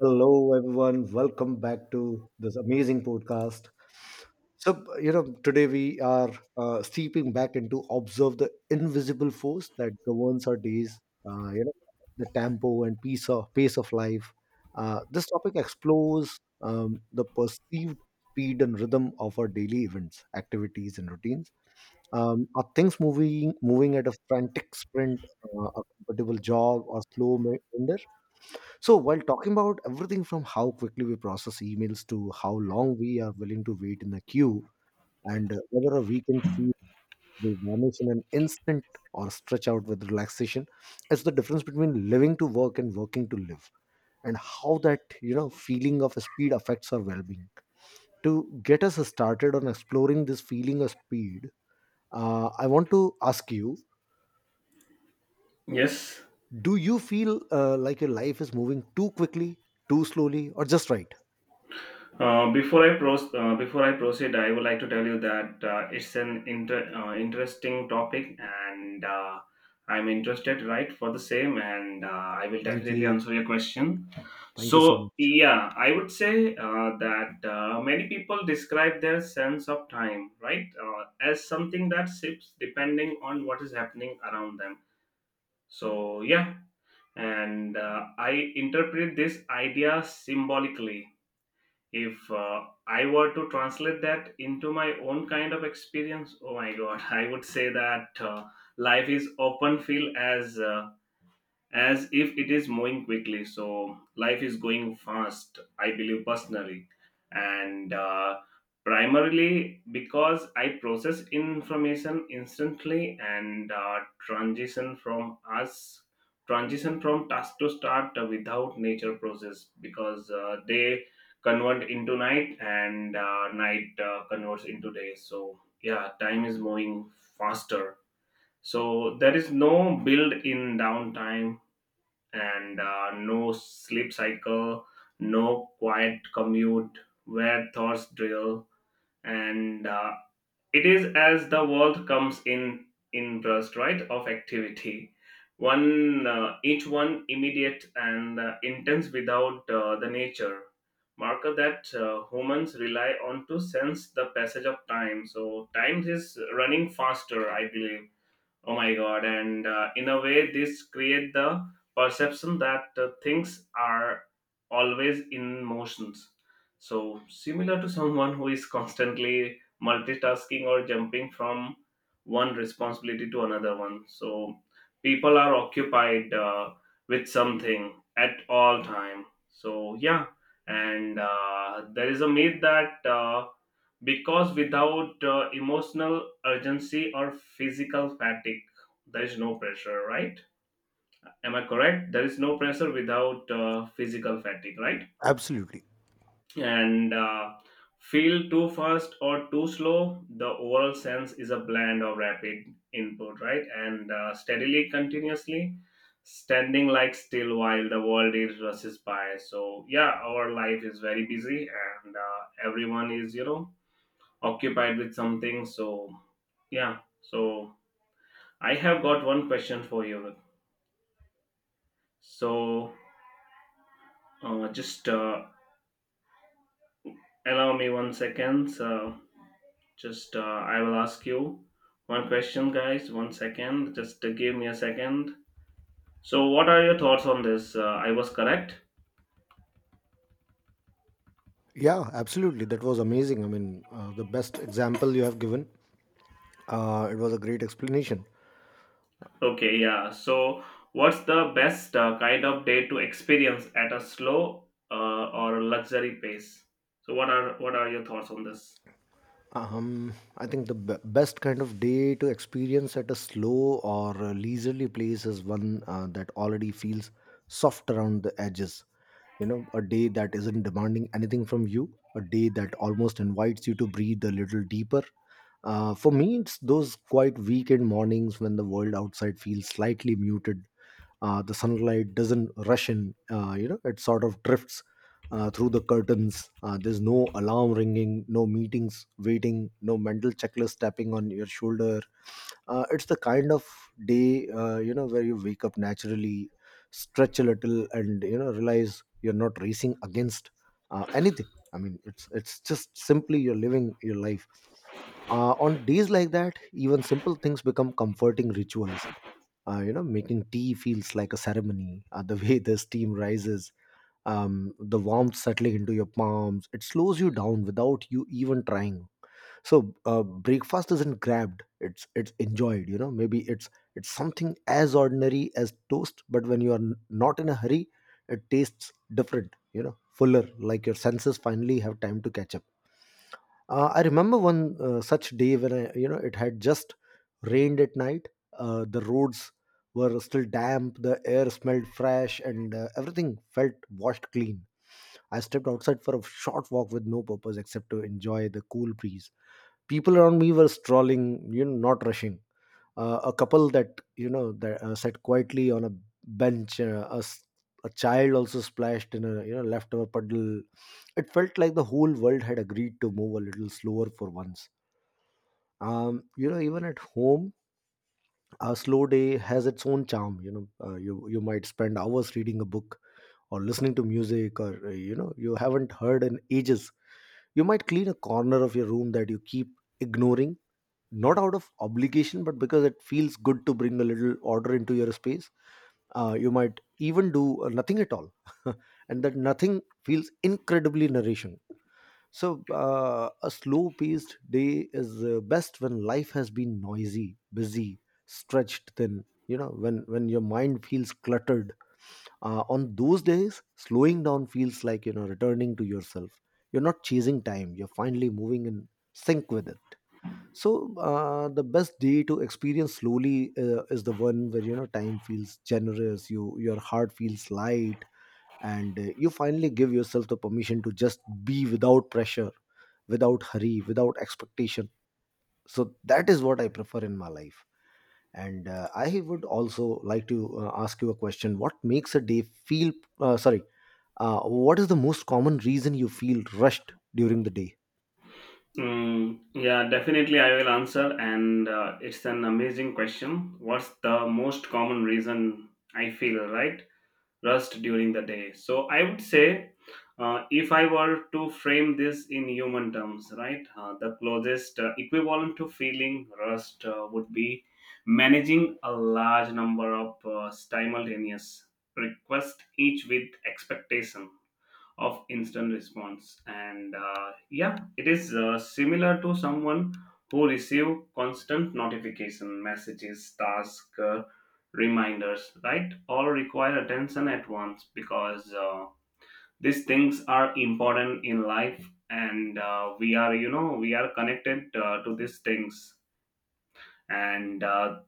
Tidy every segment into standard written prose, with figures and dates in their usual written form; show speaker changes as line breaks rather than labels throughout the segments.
Hello, everyone. Welcome back to this amazing podcast. So, today we are steeping back into observe the invisible force that governs our days. Uh, you know, the tempo and pace of life. This topic explores the perceived speed and rhythm of our daily events, activities, and routines. Are things moving at a frantic sprint, a comfortable jog, or slow meander? So, while talking about everything from how quickly we process emails to how long we are willing to wait in a queue, and whether a weekend feel they vanish in an instant or stretch out with relaxation, it's the difference between living to work and working to live, and how that feeling of speed affects our well-being. To get us started on exploring this feeling of speed, I want to ask you:
Yes.
Do you feel like your life is moving too quickly, too slowly, or just right?
Before I proceed, I would like to tell you that it's an interesting topic, and I'm interested, right, for the same, and I will
Thank
definitely
you.
answer your question.
Thank you
So,
so much.
yeah, I would say that many people describe their sense of time, right, as something that shifts depending on what is happening around them. So, yeah, and I interpret this idea symbolically if I were to translate that into my own kind of experience. Oh my god! I would say that life is often feel as if it is moving quickly. So life is going fast, I believe personally, and primarily because I process information instantly and transition from us transition from task to start without nature process because they convert into night and night converts into day. So yeah, time is moving faster. So there is no build in downtime and no sleep cycle, no quiet commute where thoughts drill, and it is as the world comes in burst right of activity. One Each one immediate and intense without the nature marker that humans rely on to sense the passage of time. So time is running faster, I believe. Oh my god! And in a way, this create the perception that things are always in motions. So similar to someone who is constantly multitasking or jumping from one responsibility to another one. So people are occupied with something at all time. So yeah, and there is a myth that. Because without emotional urgency or physical fatigue, there is no pressure, right? Am I correct? There is no pressure without physical fatigue, right?
Absolutely.
And feel too fast or too slow, the overall sense is a blend of rapid input, right, and steadily continuously standing like still while the world is rushes by. So yeah, our life is very busy, and everyone is occupied with something. So yeah. So I have got one question for you. So just allow me one second. So just I will ask you one question, guys. One second. Just give me a second. So what are your thoughts on this? I was correct.
Yeah, absolutely. That was amazing. I mean, the best example you have given. It was a great explanation.
Okay. Yeah. So what's the best kind of day to experience at a slow or luxury pace? So what are your thoughts on this?
I think the best kind of day to experience at a slow or a leisurely place is one that already feels soft around the edges. You know, a day that isn't demanding anything from you, a day that almost invites you to breathe a little deeper. For me, it's those quiet weekend mornings when the world outside feels slightly muted. The sunlight doesn't rush in. It sort of drifts through the curtains. There's no alarm ringing, no meetings waiting, no mental checklist tapping on your shoulder. It's the kind of day where you wake up naturally, stretch a little, and realize you're not racing against anything. I mean, it's just simply you're living your life. On days like that, even simple things become comforting rituals. Making tea feels like a ceremony, the way the steam rises, the warmth settling into your palms. It slows you down without you even trying. So breakfast isn't grabbed, it's enjoyed. Maybe it's something as ordinary as toast, but when you are not in a hurry, it tastes different, fuller, like your senses finally have time to catch up. I remember one such day when I, it had just rained at night. The roads were still damp, the air smelled fresh, and everything felt washed clean. I stepped outside for a short walk with no purpose except to enjoy the cool breeze. People around me were strolling, not rushing. A couple that you know that sat quietly on a bench. A child also splashed in a leftover puddle. It felt like the whole world had agreed to move a little slower for once. Even at home, a slow day has its own charm. You might spend hours reading a book, or listening to music, or you haven't heard in ages. You might clean a corner of your room that you keep ignoring, not out of obligation, but because it feels good to bring a little order into your space. You might even do nothing at all. And that nothing feels incredibly nourishing. So a slow paced day is best when life has been noisy, busy, stretched thin, when your mind feels cluttered. On those days, slowing down feels like returning to yourself. You're not chasing time, you're finally moving in sync with it. So the best day to experience slowly is the one where time feels generous, your heart feels light, and you finally give yourself the permission to just be, without pressure, without hurry, without expectation. So that is what I prefer in my life. And I would also like to ask you a question. What makes a day feel — sorry, what is the most common reason you feel rushed during the day?
Mm, yeah, definitely I will answer. And it's an amazing question. What's the most common reason I feel, right? Rust during the day. So I would say, if I were to frame this in human terms, right, the closest equivalent to feeling rust would be managing a large number of simultaneous requests, each with expectation of instant response, and yeah, it is similar to someone who receive constant notification messages, task reminders, right, all require attention at once because these things are important in life, and we are connected to these things, and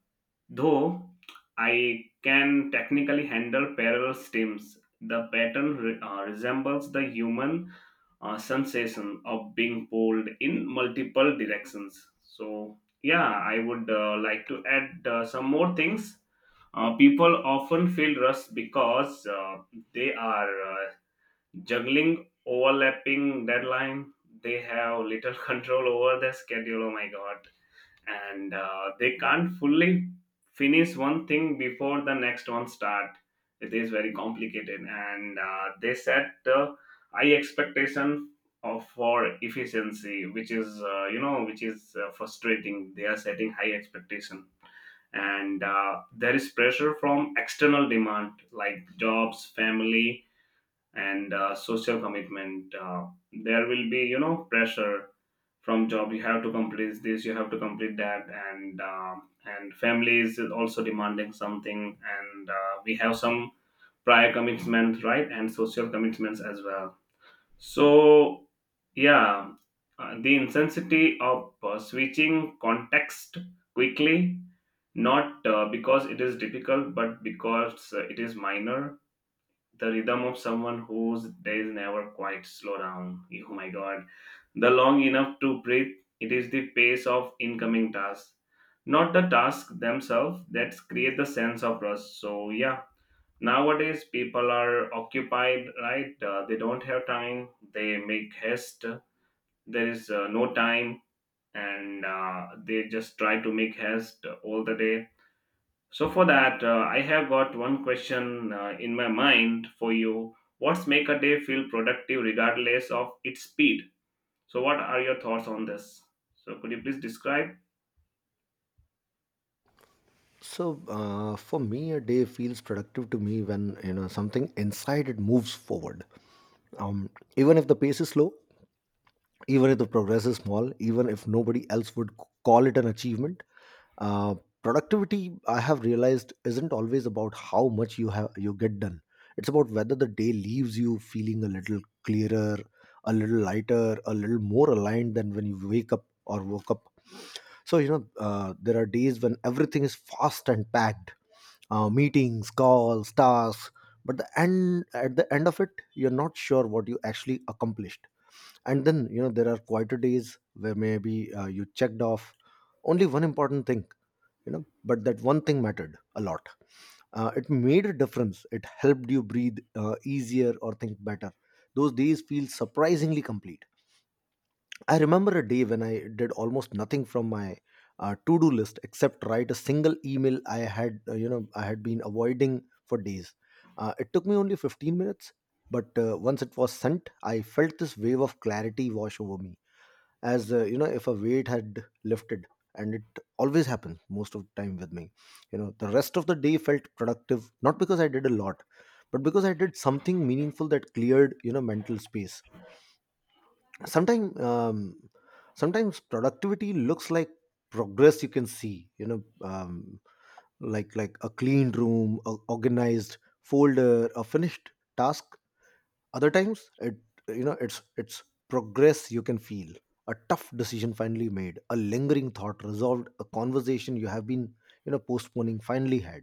though I can technically handle parallel stems, the pattern resembles the human sensation of being pulled in multiple directions. So, yeah, I would like to add some more things. People often feel rushed because they are uh, juggling overlapping deadline. They have little control over their schedule. Oh my god! And they can't fully finish one thing before the next one start. It is very complicated, and they set high expectation of for efficiency, which is which is frustrating. They are setting high expectation, and there is pressure from external demand like jobs, family, and social commitment. There will be, you know, pressure from job. You have to complete this, you have to complete that, and and family is also demanding something, and we have some prior commitments, right, and social commitments as well. So, yeah, the intensity of switching context quickly, not because it is difficult, but because it is minor, the rhythm of someone whose days never quite slow down. Oh my god. The long enough to breathe, it is the pace of incoming tasks, not the tasks themselves that create the sense of rush. So, yeah, nowadays people are occupied, right? They don't have time, they make haste, there is no time, and they just try to make haste all the day. So for that, I have got one question in my mind for you. What's make a day feel productive regardless of its speed? So what are your thoughts on this? So could you please describe?
So for me, a day feels productive to me when something inside it moves forward. Um, Even if the pace is slow, even if the progress is small, even if nobody else would call it an achievement, uh, productivity, I have realized, isn't always about how much you get done. It's about whether the day leaves you feeling a little clearer, a little lighter, a little more aligned than when you wake up or woke up. There are days when everything is fast and packed — meetings, calls, tasks. But at the end of it, you're not sure what you actually accomplished. And then, there are quieter days where maybe you checked off only one important thing, but that one thing mattered a lot. It made a difference. It helped you breathe easier or think better. Those days feel surprisingly complete. I remember a day when I did almost nothing from my to-do list except write a single email I had been avoiding for days. It took me only 15 minutes, but once it was sent, I felt this wave of clarity wash over me, as if a weight had lifted. And it always happens most of the time with me. The rest of the day felt productive, not because I did a lot, but because I did something meaningful that cleared, mental space. Sometimes um, sometimes productivity looks like progress you can see, like a clean room, a organized folder, a finished task. Other times, it's progress you can feel. A tough decision finally made, a lingering thought resolved, a conversation you have been, postponing, finally had.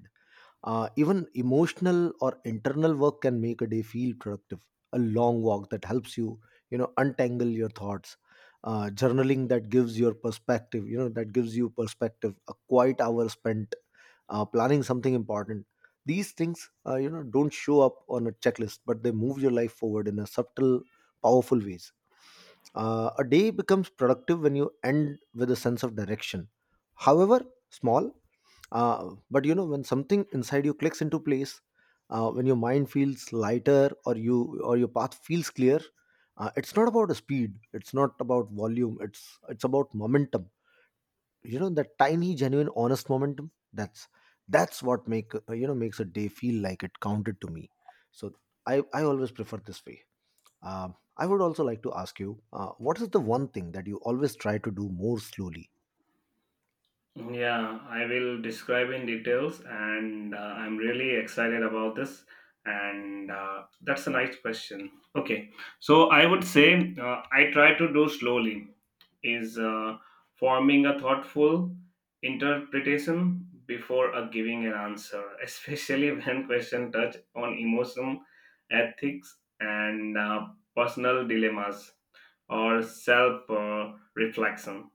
Even emotional or internal work can make a day feel productive. A long walk that helps you, untangle your thoughts. Journaling that gives your perspective, that gives you perspective. A quiet hour spent planning something important. These things, don't show up on a checklist, but they move your life forward in a subtle, powerful ways. A day becomes productive when you end with a sense of direction. However small, but when something inside you clicks into place, when your mind feels lighter, or your path feels clear. It's not about speed, it's not about volume, it's about momentum, that tiny, genuine, honest momentum. That's what makes a day feel like it counted to me. So I always prefer this way. Um I would also like to ask you, what is the one thing that you always try to do more slowly?
Yeah, I will describe in details, and I'm really excited about this. And that's a nice question. Okay, so I would say I try to do slowly is forming a thoughtful interpretation before a giving an answer, especially when question touch on emotion, ethics, and personal dilemmas or self reflection.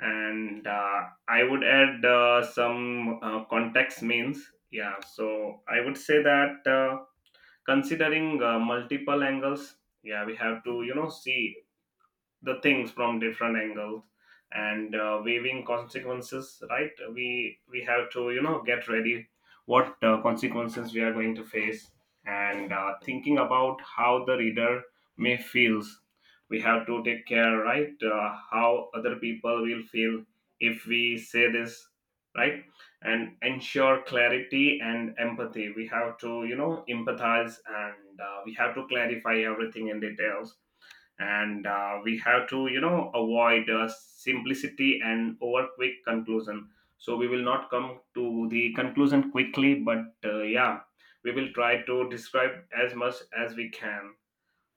And I would add some context means. Yeah, so I would say that considering multiple angles, yeah, we have to you know see the things from different angles, and weighing consequences, right, we have to you know get ready what consequences we are going to face, and thinking about how the reader may feels, we have to take care, right, how other people will feel if we say this, right, and ensure clarity and empathy. We have to you know empathize, and we have to clarify everything in details, and we have to you know avoid simplicity and over quick conclusion. So we will not come to the conclusion quickly, but yeah, we will try to describe as much as we can.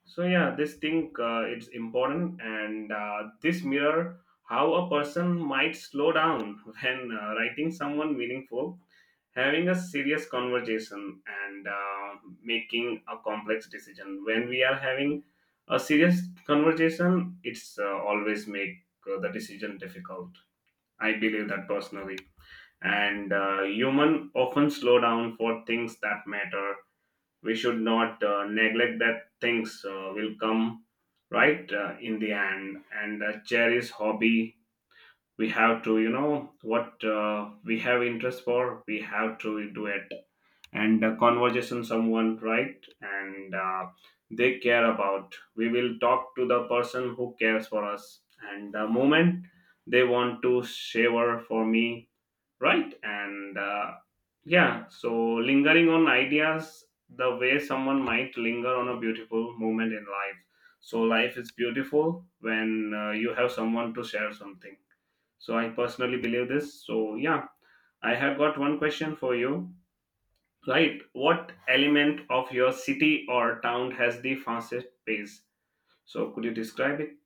So yeah, this thing it's important, and this mirror how a person might slow down when writing someone meaningful, having a serious conversation, and making a complex decision. When we are having a serious conversation, it's always make the decision difficult. I believe that personally, and human often slow down for things that matter. We should not neglect that things will come, right, in the end, and cherish hobby. We have to you know what we have interest for, we have to do it, and conversation someone, right, and they care about, we will talk to the person who cares for us, and the moment they want to shower for me, right, and yeah, so lingering on ideas, the way someone might linger on a beautiful moment in life. So, life is beautiful when you have someone to share something. So, I personally believe this. So, yeah, I have got one question for you. Right, what element of your city or town has the fastest pace? So, could you describe it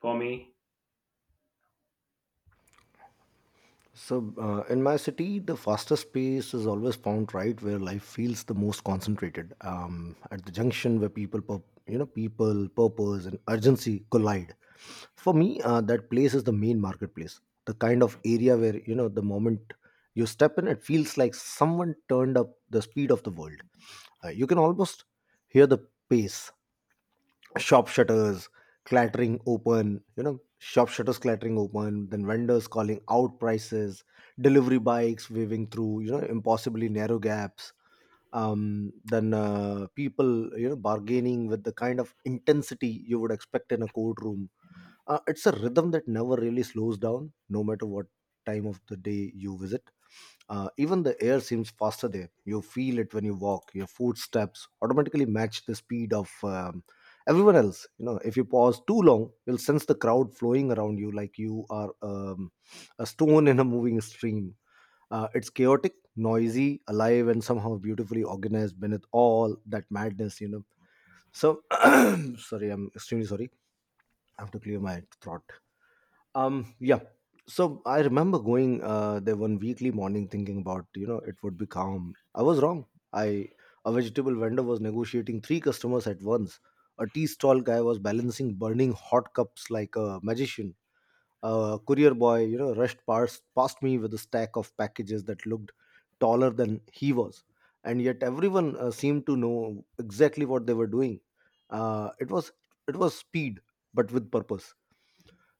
for me?
So, in my city, the fastest pace is always found right where life feels the most concentrated. At the junction where people, people, purpose, and urgency collide. For me, that place is the main marketplace. The kind of area where the moment you step in, it feels like someone turned up the speed of the world. You can almost hear the pace — shop shutters clattering open you know shop shutters clattering open, then vendors calling out prices, delivery bikes weaving through impossibly narrow gaps, then people bargaining with the kind of intensity you would expect in a courtroom. It's a rhythm that never really slows down, no matter what time of the day you visit. Even the air seems faster there. You feel it when you walk, your footsteps automatically match the speed of everyone else. If you pause too long, you'll sense the crowd flowing around you, like you are a stone in a moving stream. It's chaotic, noisy, alive, and somehow beautifully organized beneath all that madness, so sorry, I'm extremely sorry, I have to clear my throat. Yeah. So I remember going there one weekly morning thinking about, it would be calm. I was wrong. I A vegetable vendor was negotiating three customers at once. A tea stall guy was balancing burning hot cups like a magician. A courier boy, rushed past me with a stack of packages that looked taller than he was, and yet everyone seemed to know exactly what they were doing. Uh, it was it was speed, but with purpose.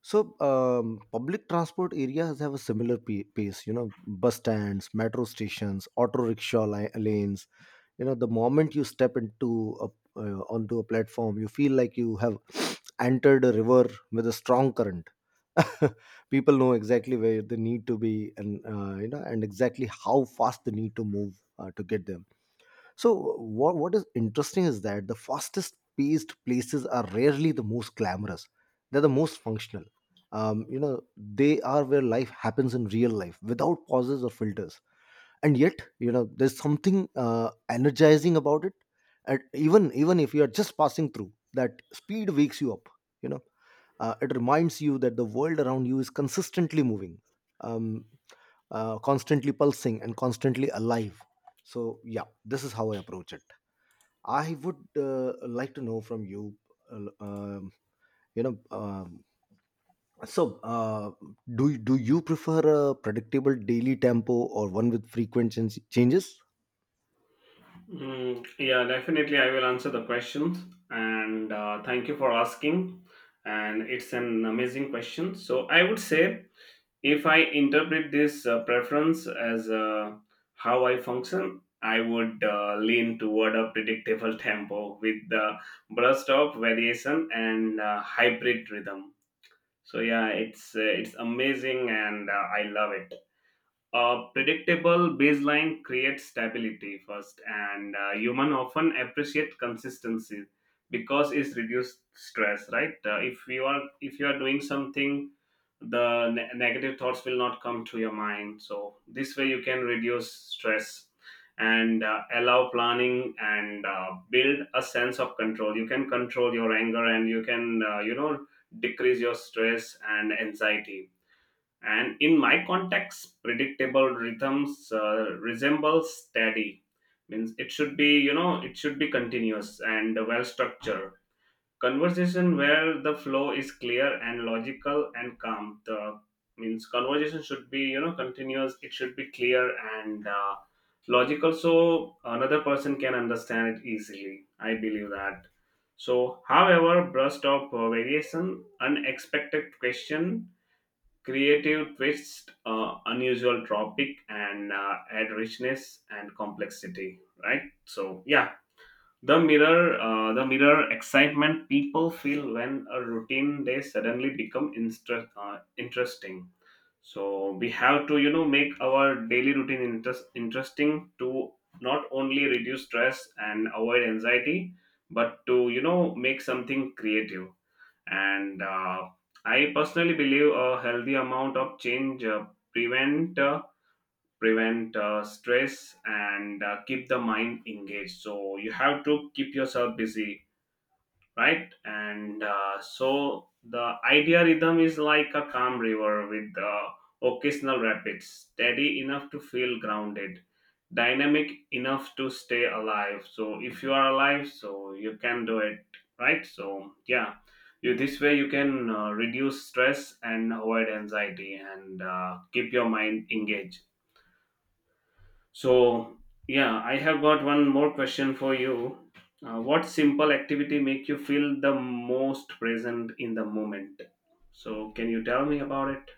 So, public transport areas have a similar pace, you know, bus stands, metro stations, auto rickshaw lanes. You know, the moment you step into onto a platform, you feel like you have entered a river with a strong current. People know exactly where they need to be and, you know, and exactly how fast they need to move to get them. So what is interesting is that the fastest paced places are rarely the most glamorous. They're the most functional. You know, they are where life happens in real life without pauses or filters. And yet, you know, there's something energizing about it. And even if you are just passing through, that speed wakes you up. You know, it reminds you that the world around you is consistently moving, um, constantly pulsing, and constantly alive. So yeah, this is how I approach it. I would like to know from you, uh, um, you know, so do you prefer a predictable daily tempo or one with frequent changes?
Mm, yeah, definitely. I will answer the questions, and thank you for asking. And it's an amazing question. So I would say, if I interpret this preference as how I function, I would lean toward a predictable tempo with the burst of variation and hybrid rhythm. So yeah, it's amazing, and I love it. A predictable baseline creates stability first, and human often appreciate consistency because it's reduced stress. Right? If you are doing something, the negative thoughts will not come to your mind. So this way you can reduce stress and allow planning and build a sense of control. You can control your anger and you can decrease your stress and anxiety, and in my context predictable rhythms resembles steady means, it should be you know it should be continuous and well structured conversation where the flow is clear and logical and calm. The means conversation should be you know continuous, it should be clear and logical so another person can understand it easily. I believe that. So however burst of variation, unexpected question, creative twist, unusual topic, and add richness and complexity. Right. So yeah, the mirror excitement people feel when a routine day suddenly become interesting. So we have to you know make our daily routine interesting to not only reduce stress and avoid anxiety, but to you know make something creative, and I personally believe a healthy amount of change prevent uh, prevent stress and keep the mind engaged. So you have to keep yourself busy, right, and so the idea rhythm is like a calm river with occasional rapids, steady enough to feel grounded, dynamic enough to stay alive. So if you are alive so you can do it, right, so yeah, you this way you can reduce stress and avoid anxiety, and keep your mind engaged. So, yeah, I have got one more question for you. What simple activity make you feel the most present in the moment? So, can you tell me about it?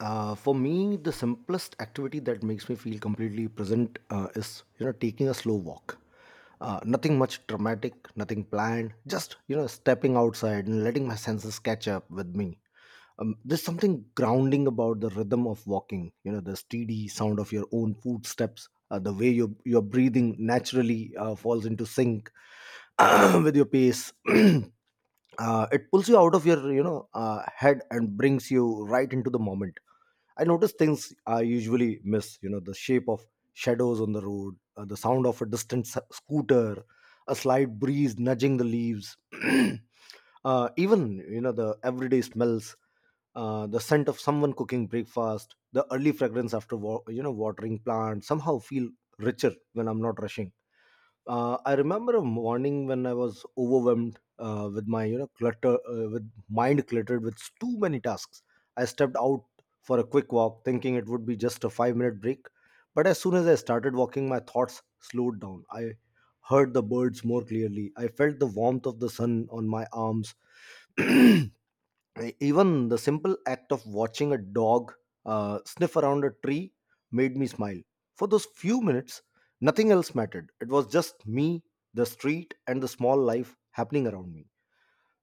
For me, the simplest activity that makes me feel completely present is, you know, taking a slow walk. Nothing much dramatic, nothing planned. Just, you know, stepping outside and letting my senses catch up with me. There's something grounding about the rhythm of walking, you know, the steady sound of your own footsteps, the way your breathing naturally falls into sync with your pace. It pulls you out of your, you know, head and brings you right into the moment. I notice things I usually miss, you know, the shape of shadows on the road, the sound of a distant scooter, a slight breeze nudging the leaves. Even, you know, the everyday smells, the scent of someone cooking breakfast, the early fragrance after you know, watering plants somehow feel richer when I'm not rushing. I remember a morning when I was overwhelmed with my, you know, clutter, with mind cluttered with too many tasks. I stepped out for a quick walk, thinking it would be just a 5-minute break. But as soon as I started walking, my thoughts slowed down. I heard the birds more clearly. I felt the warmth of the sun on my arms. I- even the simple act of watching a dog sniff around a tree made me smile. For those few minutes, nothing else mattered. It was just me, the street, and the small life happening around me.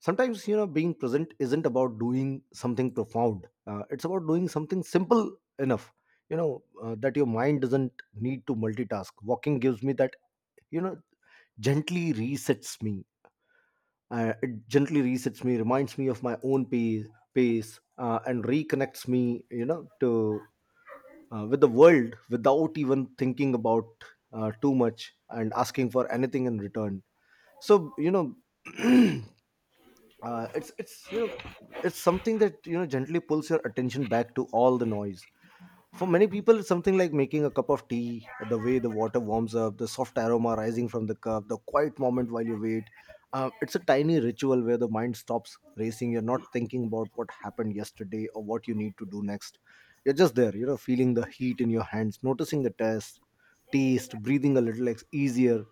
Sometimes, you know, being present isn't about doing something profound. It's about doing something simple enough, you know, that your mind doesn't need to multitask. Walking gives me that, you know, gently resets me. It gently resets me, reminds me of my own pace, and reconnects me, you know, to with the world without even thinking about too much and asking for anything in return. So you know, it's you know, it's something that, you know, gently pulls your attention back to all the noise. For many people, something like making a cup of tea, the way the water warms up, the soft aroma rising from the cup, the quiet moment while you wait. It's a tiny ritual where the mind stops racing. You're not thinking about what happened yesterday or what you need to do next. You're just there, you know, feeling the heat in your hands, noticing the taste, breathing a little easier.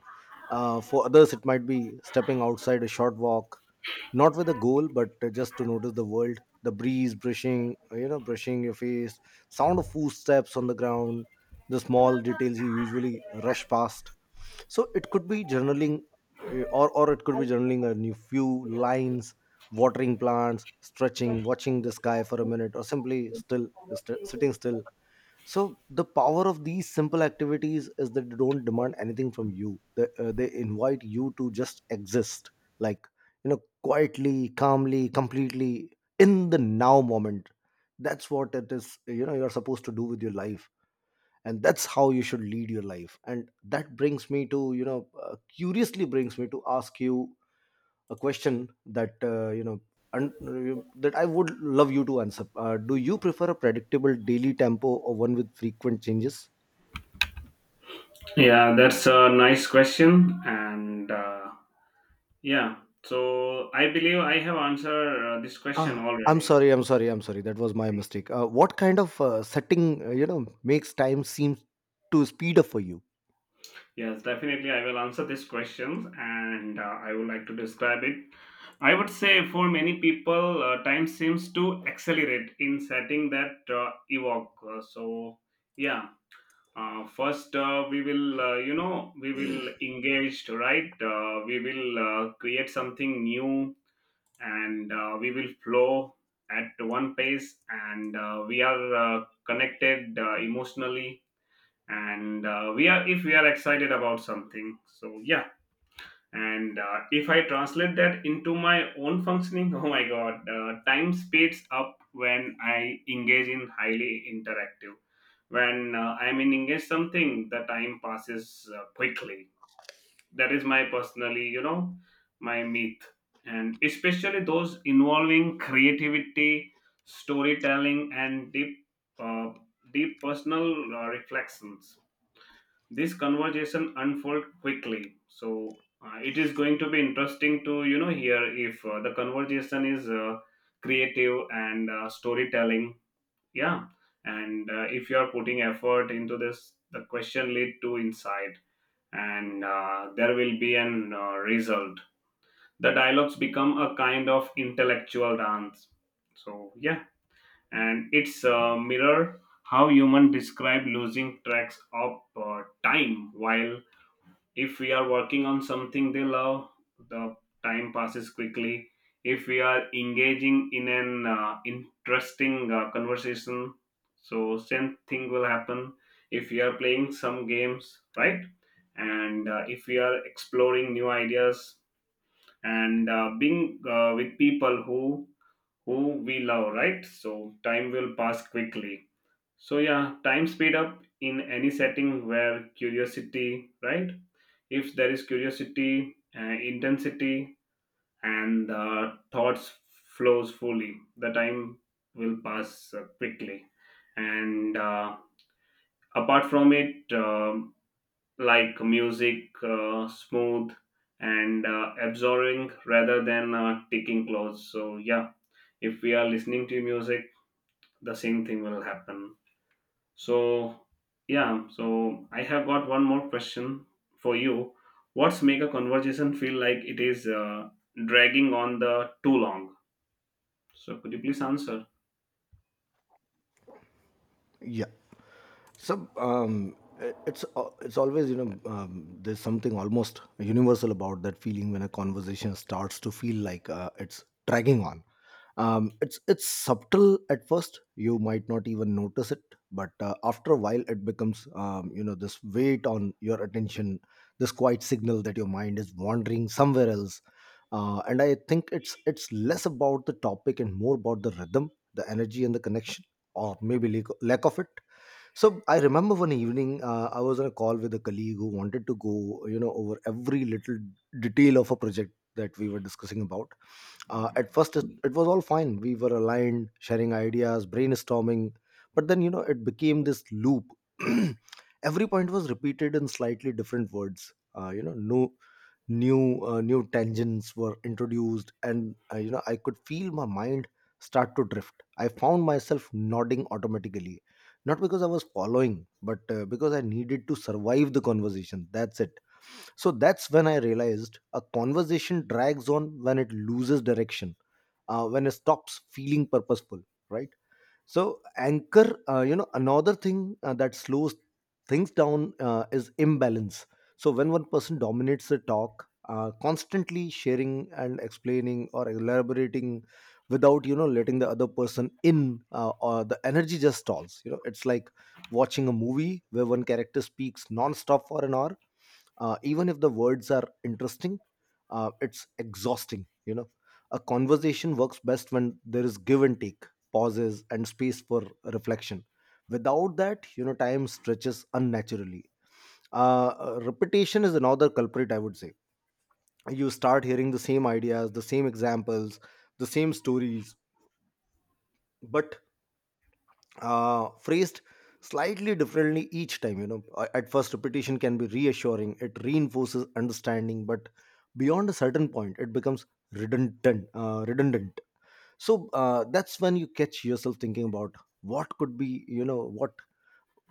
For others, it might be stepping outside, a short walk, not with a goal but, just to notice the world, the breeze brushing, you know, brushing your face, sound of footsteps on the ground, the small details you usually rush past. So it could be journaling, or it could be journaling a new few lines, watering plants, stretching, watching the sky for a minute, or simply still sitting still. So the power of these simple activities is that they don't demand anything from you. They invite you to just exist, like, you know, quietly, calmly, completely in the now moment. That's what it is, you know, you're supposed to do with your life, and that's how you should lead your life. And that brings me to, you know, curiously brings me to ask you a question and that I would love you to answer. Do you prefer a predictable daily tempo or one with frequent changes?
Yeah, that's a nice question, and yeah, so I believe I have answered this question
Ah, I'm
already.
sorry, I'm sorry, I'm sorry, that was my mistake. What kind of setting, you know, makes time seem to speed up for you?
Yes, definitely, I will answer this question, and I would like to describe it. I would say for many people, time seems to accelerate in setting that evoke. So, yeah, first we will engage, right? We will create something new, and we will flow at one pace, and we are connected emotionally, and we are if we are excited about something, so yeah, and if I translate that into my own functioning, oh my god, time speeds up when I engage in highly interactive. When I'm in engage something, the time passes quickly. That is my personally, you know, my myth. And especially those involving creativity, storytelling, and uh, deep personal reflections. This conversation unfold quickly, so it is going to be interesting to you know hear if the conversation is creative and storytelling, yeah. And if you are putting effort into this, the question lead to insight, and there will be an result. The dialogues become a kind of intellectual dance. So yeah, and it's a mirror how human describe losing tracks of time while, if we are working on something they love, the time passes quickly. If we are engaging in an interesting conversation, so same thing will happen. If we are playing some games, right, and if we are exploring new ideas, and being with people who we love, right, so time will pass quickly. So yeah, time speed up in any setting where curiosity, right, if there is curiosity, intensity, and the thoughts flows fully, the time will pass quickly. And apart from it, like music, smooth and absorbing rather than ticking clocks. So yeah, if we are listening to music, the same thing will happen. So, yeah, so I have got one more question for you. What's make a conversation feel like it is dragging on the too long? So, could you please answer?
Yeah. So um it's always, you know, um, there's something almost universal about that feeling when a conversation starts to feel like it's dragging on. It's subtle at first. You might not even notice it, but after a while, it becomes, you know, this weight on your attention, this quiet signal that your mind is wandering somewhere else. And I think it's less about the topic and more about the rhythm, the energy, and the connection, or maybe lack of it. So I remember one evening I was on a call with a colleague who wanted to go, you know, over every little detail of a project that we were discussing about. At first, it was all fine. We were aligned, sharing ideas, brainstorming, but then, you know, it became this loop. Every point was repeated in slightly different words. You know, no new tangents were introduced, and you know, I could feel my mind start to drift. I found myself nodding automatically, not because I was following, but because I needed to survive the conversation. That's it. So that's when I realized a conversation drags on when it loses direction, when it stops feeling purposeful, right? So anchor, you know, another thing that slows things down is imbalance. So when one person dominates the talk, constantly sharing and explaining or elaborating without, you know, letting the other person in, or the energy just stalls, you know, it's like watching a movie where one character speaks non-stop for an hour. Even if the words are interesting, it's exhausting, you know. A conversation works best when there is give and take, pauses and space for reflection. Without that, you know, time stretches unnaturally. Repetition is another culprit, I would say. You start hearing the same ideas, the same examples, the same stories, but phrased slightly differently each time, you know. A- at first repetition can be reassuring, it reinforces understanding, but beyond a certain point it becomes redundant, redundant. So that's when you catch yourself thinking about what could be, you know,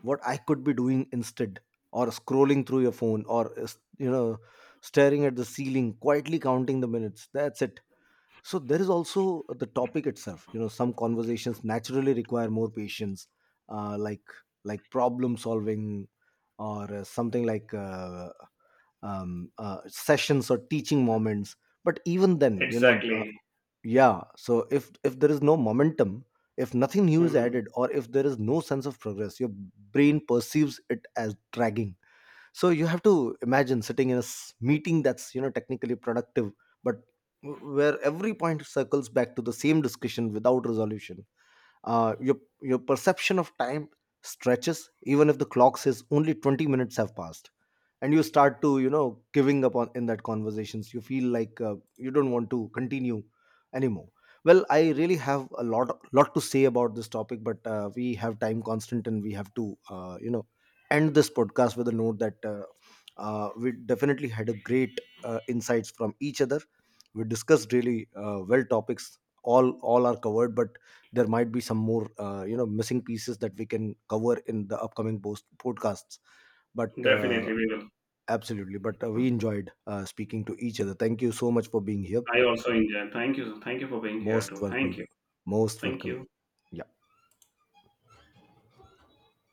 what I could be doing instead, or scrolling through your phone, or you know, staring at the ceiling, quietly counting the minutes. That's it. So there is also the topic itself. You know, some conversations naturally require more patience, uh, like like problem solving, or something like sessions or teaching moments. But even then, you know,
Exactly.
yeah. So if there is no momentum, if nothing new is
Mhm.
added, or if there is no sense of progress, your brain perceives it as dragging. So you have to imagine sitting in a meeting that's, you know, technically productive, but where every point circles back to the same discussion without resolution. uh, your your perception of time stretches even if the clock says only 20 minutes have passed. And you start to, you know, giving up on in that conversations, you feel like, you don't want to continue anymore. Well, I really have a lot to say about this topic, but we have time constant and we have to, you know, end this podcast with a note that we definitely had a great insights from each other. We discussed really well topics. All are covered, but there might be some more, you know, missing pieces that we can cover in the upcoming post podcasts, but
Definitely, we will.
absolutely. But we enjoyed speaking to each other. Thank you so much for being here.
I also enjoy. Thank you. Thank you for being here
Most
too. Thank
welcome.
you.
Most
Thank
welcome.
you.
Yeah.